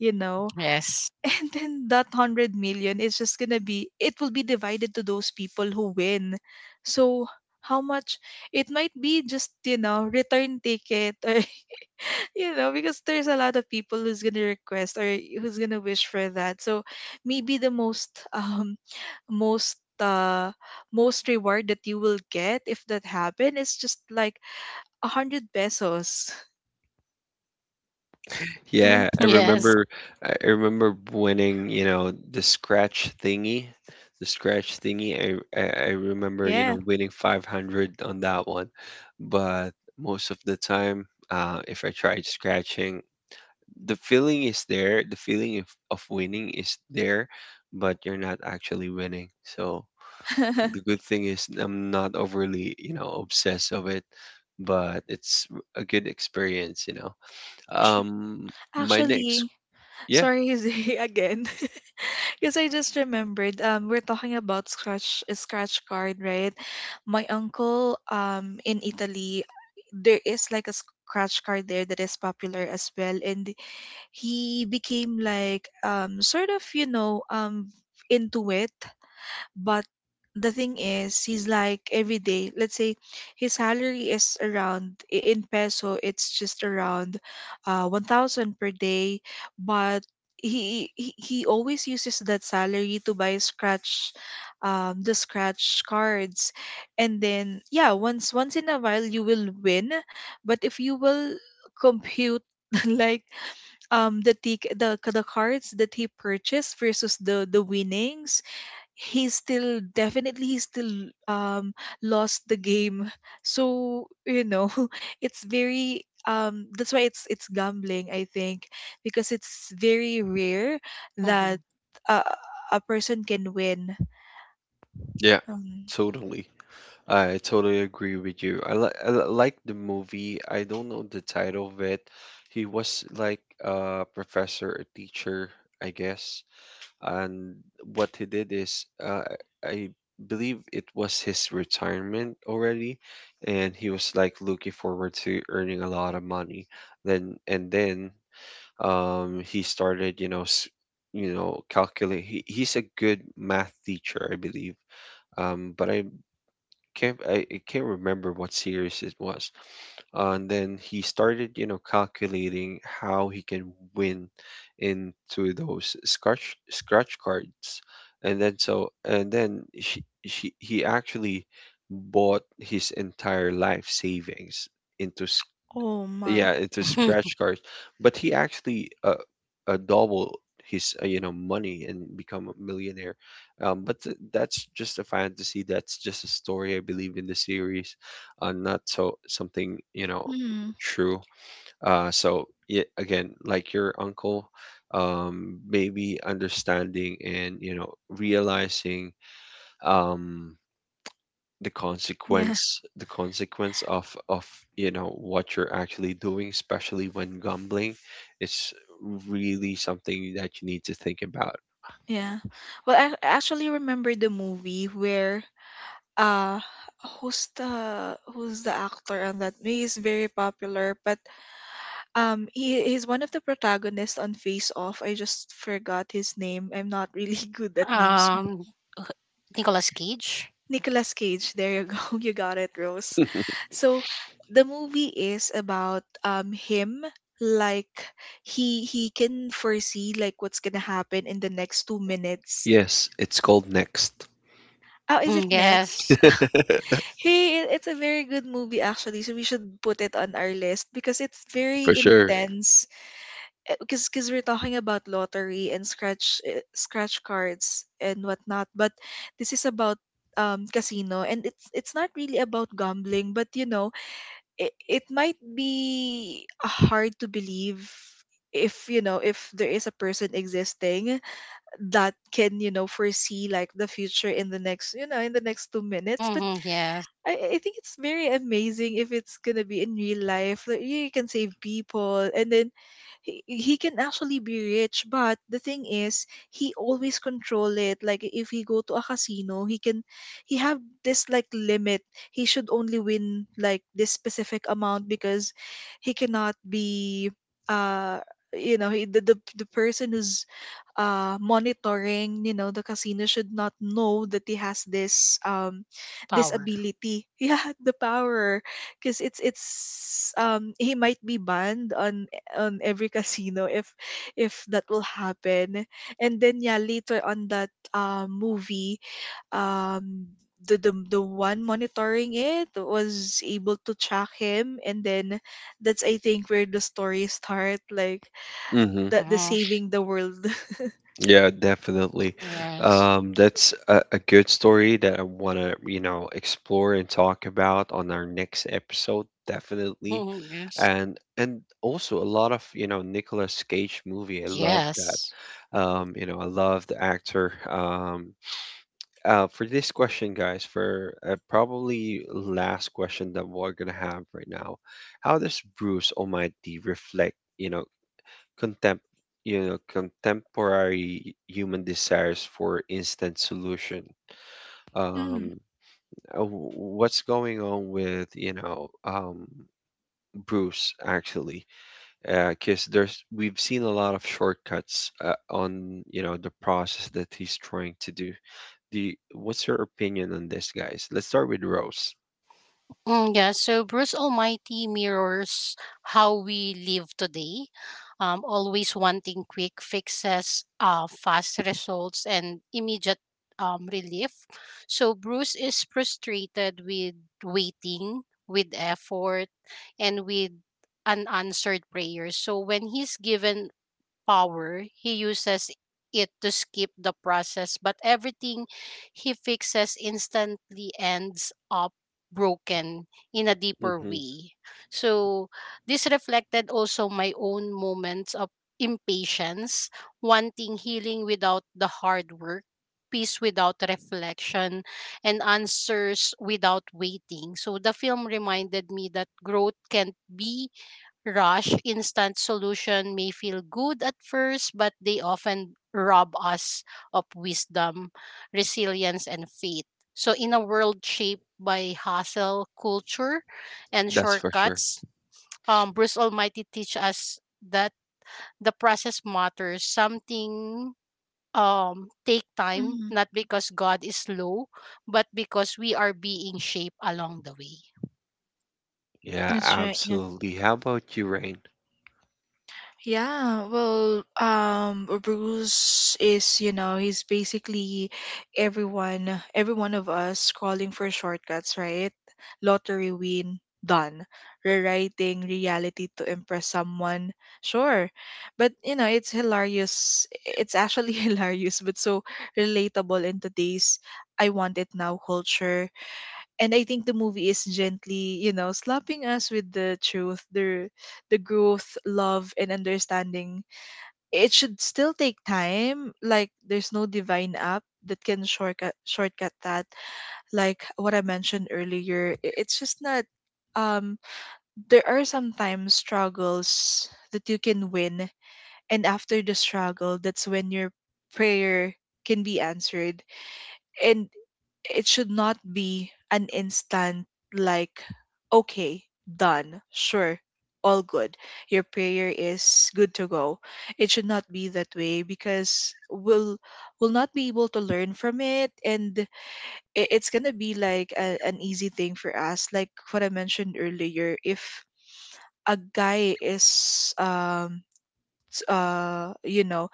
you know?
Yes.
*laughs* And then that 100 million is just gonna be, it will be divided to those people who win. So how much? It might be just, return ticket, or *laughs* because there's a lot of people who's gonna request, or who's gonna wish for that. So maybe the most um most uh most reward that you will get, if that happen, is just like 100 pesos. *laughs* Right?
Yeah,
*laughs*
I
Yes.
remember. I remember winning, you know, the scratch thingy, the scratch thingy. I remember, you
Yeah.
know, winning 500 on that one. But most of the time, if I tried scratching, the feeling is there, the feeling of winning is there, but you're not actually winning. So
*laughs* Tr-
the good thing is I'm not overly, you know, obsessed of it, but it's a good experience, you know. My next,
Actually,
yeah,
sorry, Zay, *laughs* again. *laughs* Because I just remembered, we're talking about scratch card, right? My uncle, in Italy, there is like a scratch card there that is popular as well, and he became like, sort of, into it. But the thing is, he's like every day, let's say his salary is around, in peso, it's just around, 1,000 per day. But he always uses that salary to buy scratch the scratch cards, and then, yeah, once in a while you will win. But if you will compute, *laughs* like, the tic- the cards that he purchased versus the winnings, he's still, definitely, he's still lost the game. So, *laughs* it's very that's why it's gambling, I think. Because it's very rare that
Mhm.
a, a person can win.
yeah,
um,
totally. I totally agree with you. I like the movie. I don't know the title of it. He was like a professor, a teacher, I guess. And what he did is, I believe it was his retirement already, and he was like looking forward to earning a lot of money. Then and then, he started, you know, calculate. He's a good math teacher, I believe, but I can't remember what series it was. And then he started, you know, calculating how he can win into those scratch cards, and then so and then, she he actually bought his entire life savings into,
oh my.
yeah, it's a scratch
*laughs*
card. But he actually, double his, you know, money and become a millionaire. But that's just a fantasy. That's just a story, I believe, in the series, not so something,
Mm,
true. So yeah, again, like your uncle, maybe understanding and, realizing, um the
yeah,
consequence the consequence of of you know what you're actually doing, especially when gambling, is really something that you need to think about.
yeah. Well, I actually remember the movie where, uh who's the actor on that movie is very popular, but he's one of the protagonists on Face Off. I just forgot his name. I'm not really *laughs* good at names.
um, Nicolas Cage.
Nicolas Cage. There you go. *laughs* You got it, Rose.
*laughs*
So the movie is about him, like he can foresee like what's gonna happen in the next 2 minutes.
Yes, it's called next.
Oh, is it
Mhm.
next?
Yes.
*laughs*
Hey, it's a very good movie actually. So we should put it on our list because it's very
For sure.
intense. Because we're talking about lottery and scratch scratch cards and whatnot, but this is about casino, and it's not really about gambling, but you know, it might be hard to believe if you know, if there is a person existing that can, you know, foresee like the future in the next, you know, in the next 2 minutes.
Hmm, yes.
I, think it's very amazing if it's gonna be in real life. Like you can save people, and then he can actually be rich. But the thing is, he always control it. Like if he go to a casino, he can, he have this like limit. He should only win like this specific amount because he cannot be uh you know, he, the person who's monitoring, you know, the casino should not know that he has this this
Power.
ability. *laughs* Yeah, the power, because it's he might be banned on every *laughs* casino if that will happen. And then yeah, later on that movie, um. The one monitoring it was able to track him, and then that's, I think, where the story start, like
Hmm.
that the
Hmm,
saving the world.
Yeah, definitely.
yes.
That's a good story that I want to, you know, explore and talk about on our next episode, definitely.
*laughs* Yes.
And also a lot of, you know, Nicolas Cage movie. I love that.
Yes.
I love the actor. For this question, guys, for, probably last question that we're gonna have right now, how does Bruce Almighty reflect, you know, contempt contemporary human desires for instant solution, um
*laughs*
uh, w- what's going on with, Bruce actually, because there's, we've seen a lot of shortcuts, on, the process that he's trying to do. The What's your opinion on this, guys? Let's start with Rose.
Mm, yeah, so Bruce Almighty mirrors how we live today, always wanting quick fixes, fast results, and immediate, relief. So Bruce is frustrated with waiting, with effort, and with unanswered prayers. So when he's given power, he uses it to skip the process, but everything he fixes instantly ends up broken in a deeper
Hmm.
way. So, this reflected also my own moments of impatience, wanting healing without the hard work, peace without reflection, and answers without waiting. So the film reminded me that growth can't be rush. Instant solution may feel good at first, but they often rob us of wisdom, resilience, and faith. So, in a world shaped by hustle culture and
That's for sure.
shortcuts, Bruce Almighty teach us that the process matters. Something take time,
Mhm.
not because God is slow, but because we are being shaped along the way.
Yeah,
That's right. Yeah.
absolutely. How about you, Rain?
Yeah, well, Bruce is, you know, he's basically everyone, every one of us calling for shortcuts, right? Lottery win, done. Rewriting reality to impress someone, sure. But, you know, it's hilarious. It's actually *laughs* hilarious, but so relatable in today's I want it now culture. And I think the movie is gently, you know, slapping us with the truth, the growth, love, and understanding. It should still take time. Like there's no divine app that can shortcut that. Like what I mentioned earlier, it's just not. Um, there are sometimes struggles that you can win, and after the struggle, that's when your prayer can be answered, and it should not be an instant, like okay, done, sure, all good, your prayer is good to go. It should not be that way, because we'll not be able to learn from it. And it's gonna be like a, an easy thing for us, like what I mentioned earlier. If a guy is you know,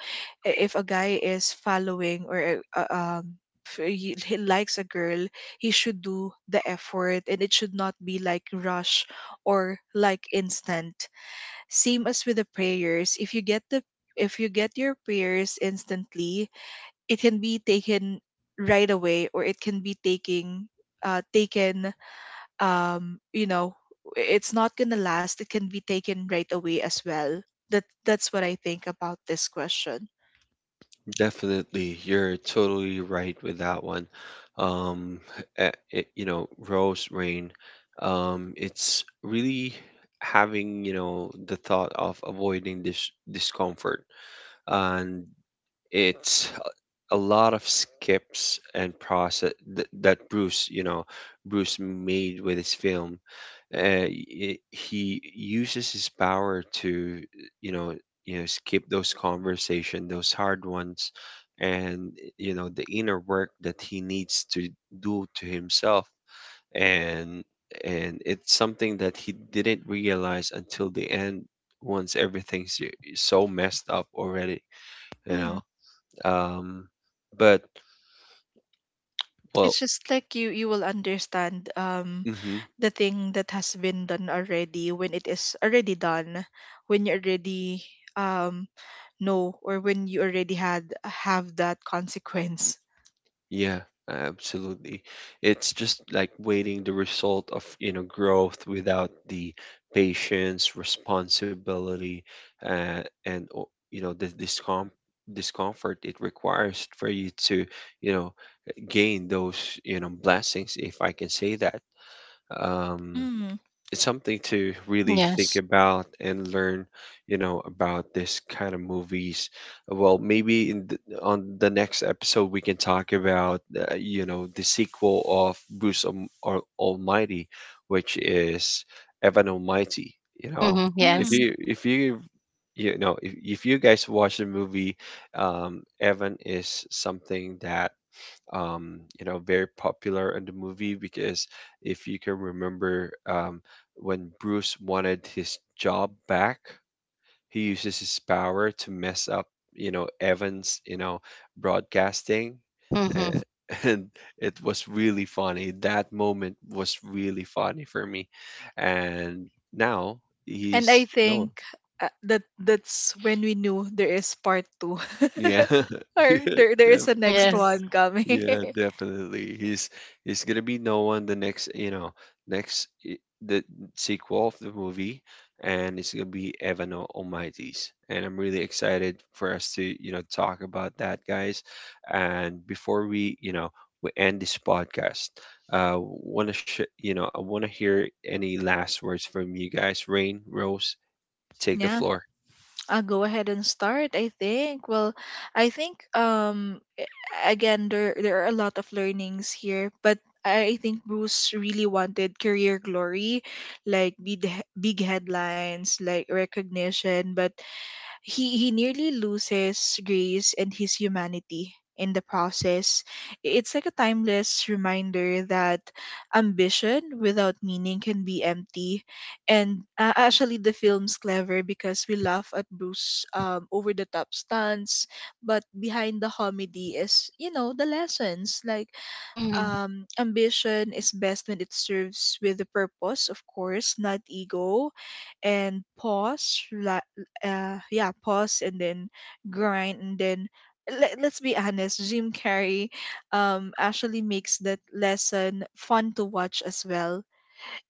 if a guy is following, or um he likes a girl, he should do the effort, and it should not be like rush or like instant. Same as with the prayers, if you get the, if you get your prayers instantly, it can be taken right away, or it can be taking, taken, you know, it's not going to last. It can be taken right away as well. That's what I think about this question.
Definitely, you're totally right with that one. Um, you know, Rose, Rain, it's really having, you know, the thought of avoiding this discomfort. And it's a lot of skips and process that, that Bruce, you know, Bruce made with his film, he uses his power to, you know skip those conversation, those hard ones, and, the inner work that he needs to do to himself. And and it's something that he didn't realize until the end, once everything's so messed up already, you
Mm,
know um but, well.
it's just like you will understand
Mhm.
the thing that has been done already, when it is already done, when you already um know, or when you already had have that consequence.
Yeah, absolutely. It's just like waiting the result of, you know, growth without the patience, responsibility, and, the discomfort it requires for you to, you know, gain those, you know, blessings, if I can say that. Um,
Mm,
it's something to really think
Yes.
about and learn, you know, about this kind of movies. Well, maybe, on the next episode we can talk about, you know, the sequel of Bruce Almighty, which is Evan Almighty. You know,
Mhm. Yes.
mm.
if you you know if you guys watch the movie, um, Evan is something that, you know, very popular in the movie, because if you can remember, when Bruce wanted his job back, he uses his power to mess up, you know, Evans, you know, broadcasting.
Mhm.
And, *laughs* and it was really funny. That moment was really funny for me. And now
And I
he's, no,
think that that's when we knew there is part two, *laughs*
yeah. *laughs*
or
Yeah,
there is
def-
a
*laughs*
next
Yes.
one coming.
Yeah, definitely. He's gonna be no one the next, you know, the sequel of the movie, and it's gonna be Evan Almighty's. And I'm really excited for us to, you know, talk about that, guys. And before we end this podcast, wanna sh- you know, I wanna hear any last words from you guys. Rain, Rose,
*laughs*
take the
Yeah,
floor
I'll go ahead and start, I think. Well, I think again, there are a lot of learnings here, but I think Bruce really wanted career glory, like big headlines, like recognition, but he nearly loses grace and his humanity in the process. It's like a timeless reminder that ambition without meaning can be empty. And actually, the film's clever because we laugh at Bruce over the top stunts, but behind the comedy is, you know, the lessons, like
Mhm.
ambition is best when it serves with a purpose, of course, not ego. And yeah, pause and then grind and then. Let, let's be honest, Jim Carrey actually makes that lesson fun to watch as well.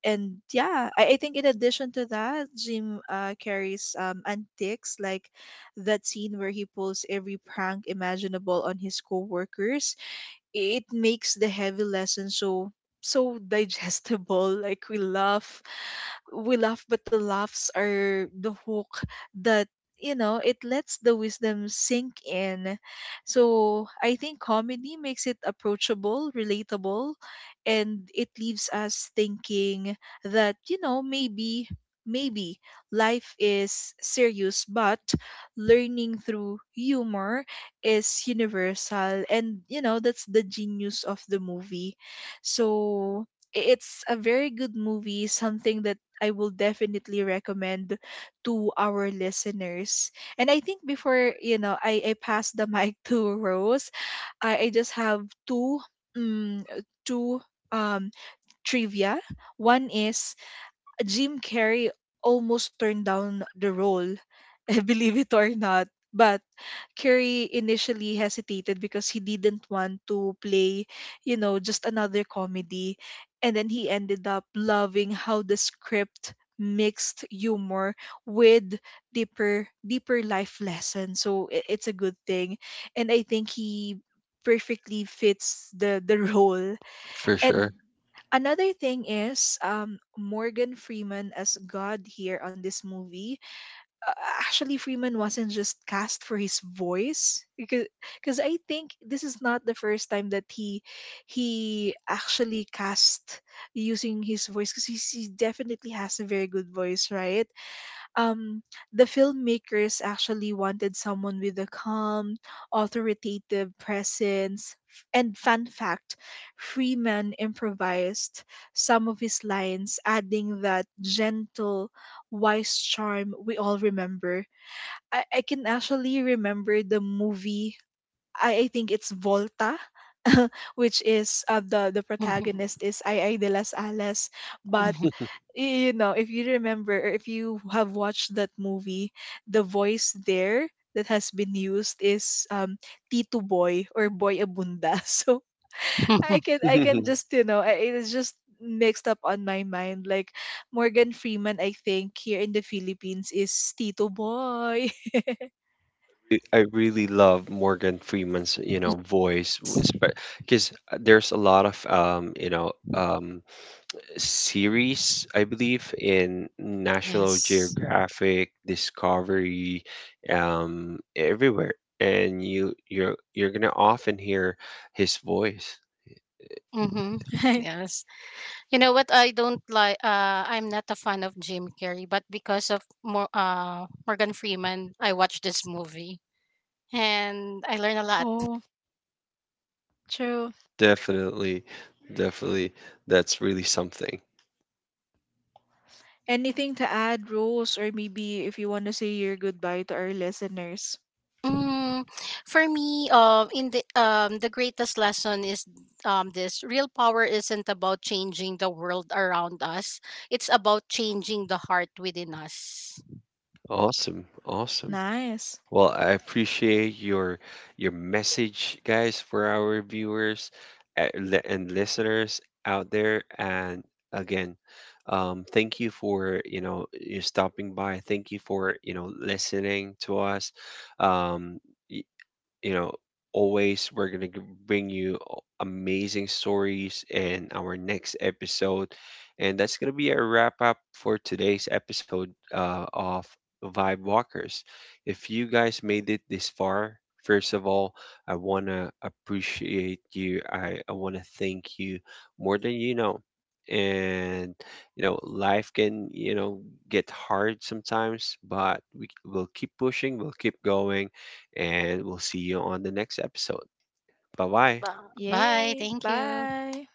And yeah, I, think in addition to that, Jim carries antics, like that scene where he pulls every prank imaginable on his coworkers. It makes the heavy lesson so so digestible *laughs* like we laugh, we laugh, but the laughs are the hook that, you know, it lets the wisdom sink in. So I think comedy makes it approachable, relatable, and it leaves us thinking that, you know, maybe, maybe life is serious, but learning through humor is universal, and you know, that's the genius of the movie. So it's a very good movie, something that I will definitely recommend to our listeners. And I think before, you know, I, pass the mic *laughs* to Rose, I, just have um, two um trivia. One is Jim Carrey almost turned down the role, *laughs* believe it or not. But Curry initially hesitated because he didn't want to play, you know, just another comedy. And then he ended up loving how the script mixed humor with deeper life lessons. So it's a good thing. And I think he perfectly fits the *laughs* role.
for
And
sure.
another thing is, Morgan Freeman as God here on this movie. Uh, actually Freeman wasn't just cast for his voice, because I think this is not the first time that he actually cast using his voice, because he definitely has a very good voice, right? Um, the filmmakers actually wanted someone with a calm, authoritative presence. And fun fact, Freeman improvised some of his lines, adding that gentle, wise charm we all remember. I, can actually remember the movie. I, think it's Volta, which is the
Mhm.
protagonist is Ay Ay de las Alas, but
Mhm.
you know, if you remember, or if you have watched that movie, the voice there that has been used is Tito Boy, or Boy Abunda. *laughs* So I can,
*laughs*
I can
*laughs*
just, you know, it is just mixed up on my mind. Like Morgan Freeman, I think, here in the Philippines is Tito Boy. *laughs*
I really love Morgan Freeman's, you know,
Yes.
voice, because there's a lot of, series, I believe, in National
Yes.
Geographic, Discovery, everywhere, and you're gonna often hear his voice.
Mm-hmm.
Right.
Yes. You know what? I don't like. I'm not a fan of Jim Carrey, but because of Morgan Freeman, I watched this movie, and I learned a lot.
Oh, true.
Definitely, definitely, that's really something.
Anything to add, Rose, or maybe if you want to say your goodbye to our listeners.
Mm, for me, in the greatest lesson is, this real power isn't about changing the world around us. It's about changing the heart within us.
Awesome. Awesome.
Nice.
Well, I appreciate your message, guys, for our viewers, and listeners out there. And again, thank you for, you stopping by. Thank you for, listening to us. Um, you know, always we're going to bring you, amazing stories in our next episode. And that's going to be a wrap up for today's episode, of Vibe Walkers. If you guys made it this far, first of all, I want to appreciate you. I want to thank you more than you know. And, you know, life can, you know, get hard sometimes, but we will keep pushing, we'll keep going, and we'll see you on the next episode. Bye bye.
Bye. Bye.
Yay.
Thank you.
Bye.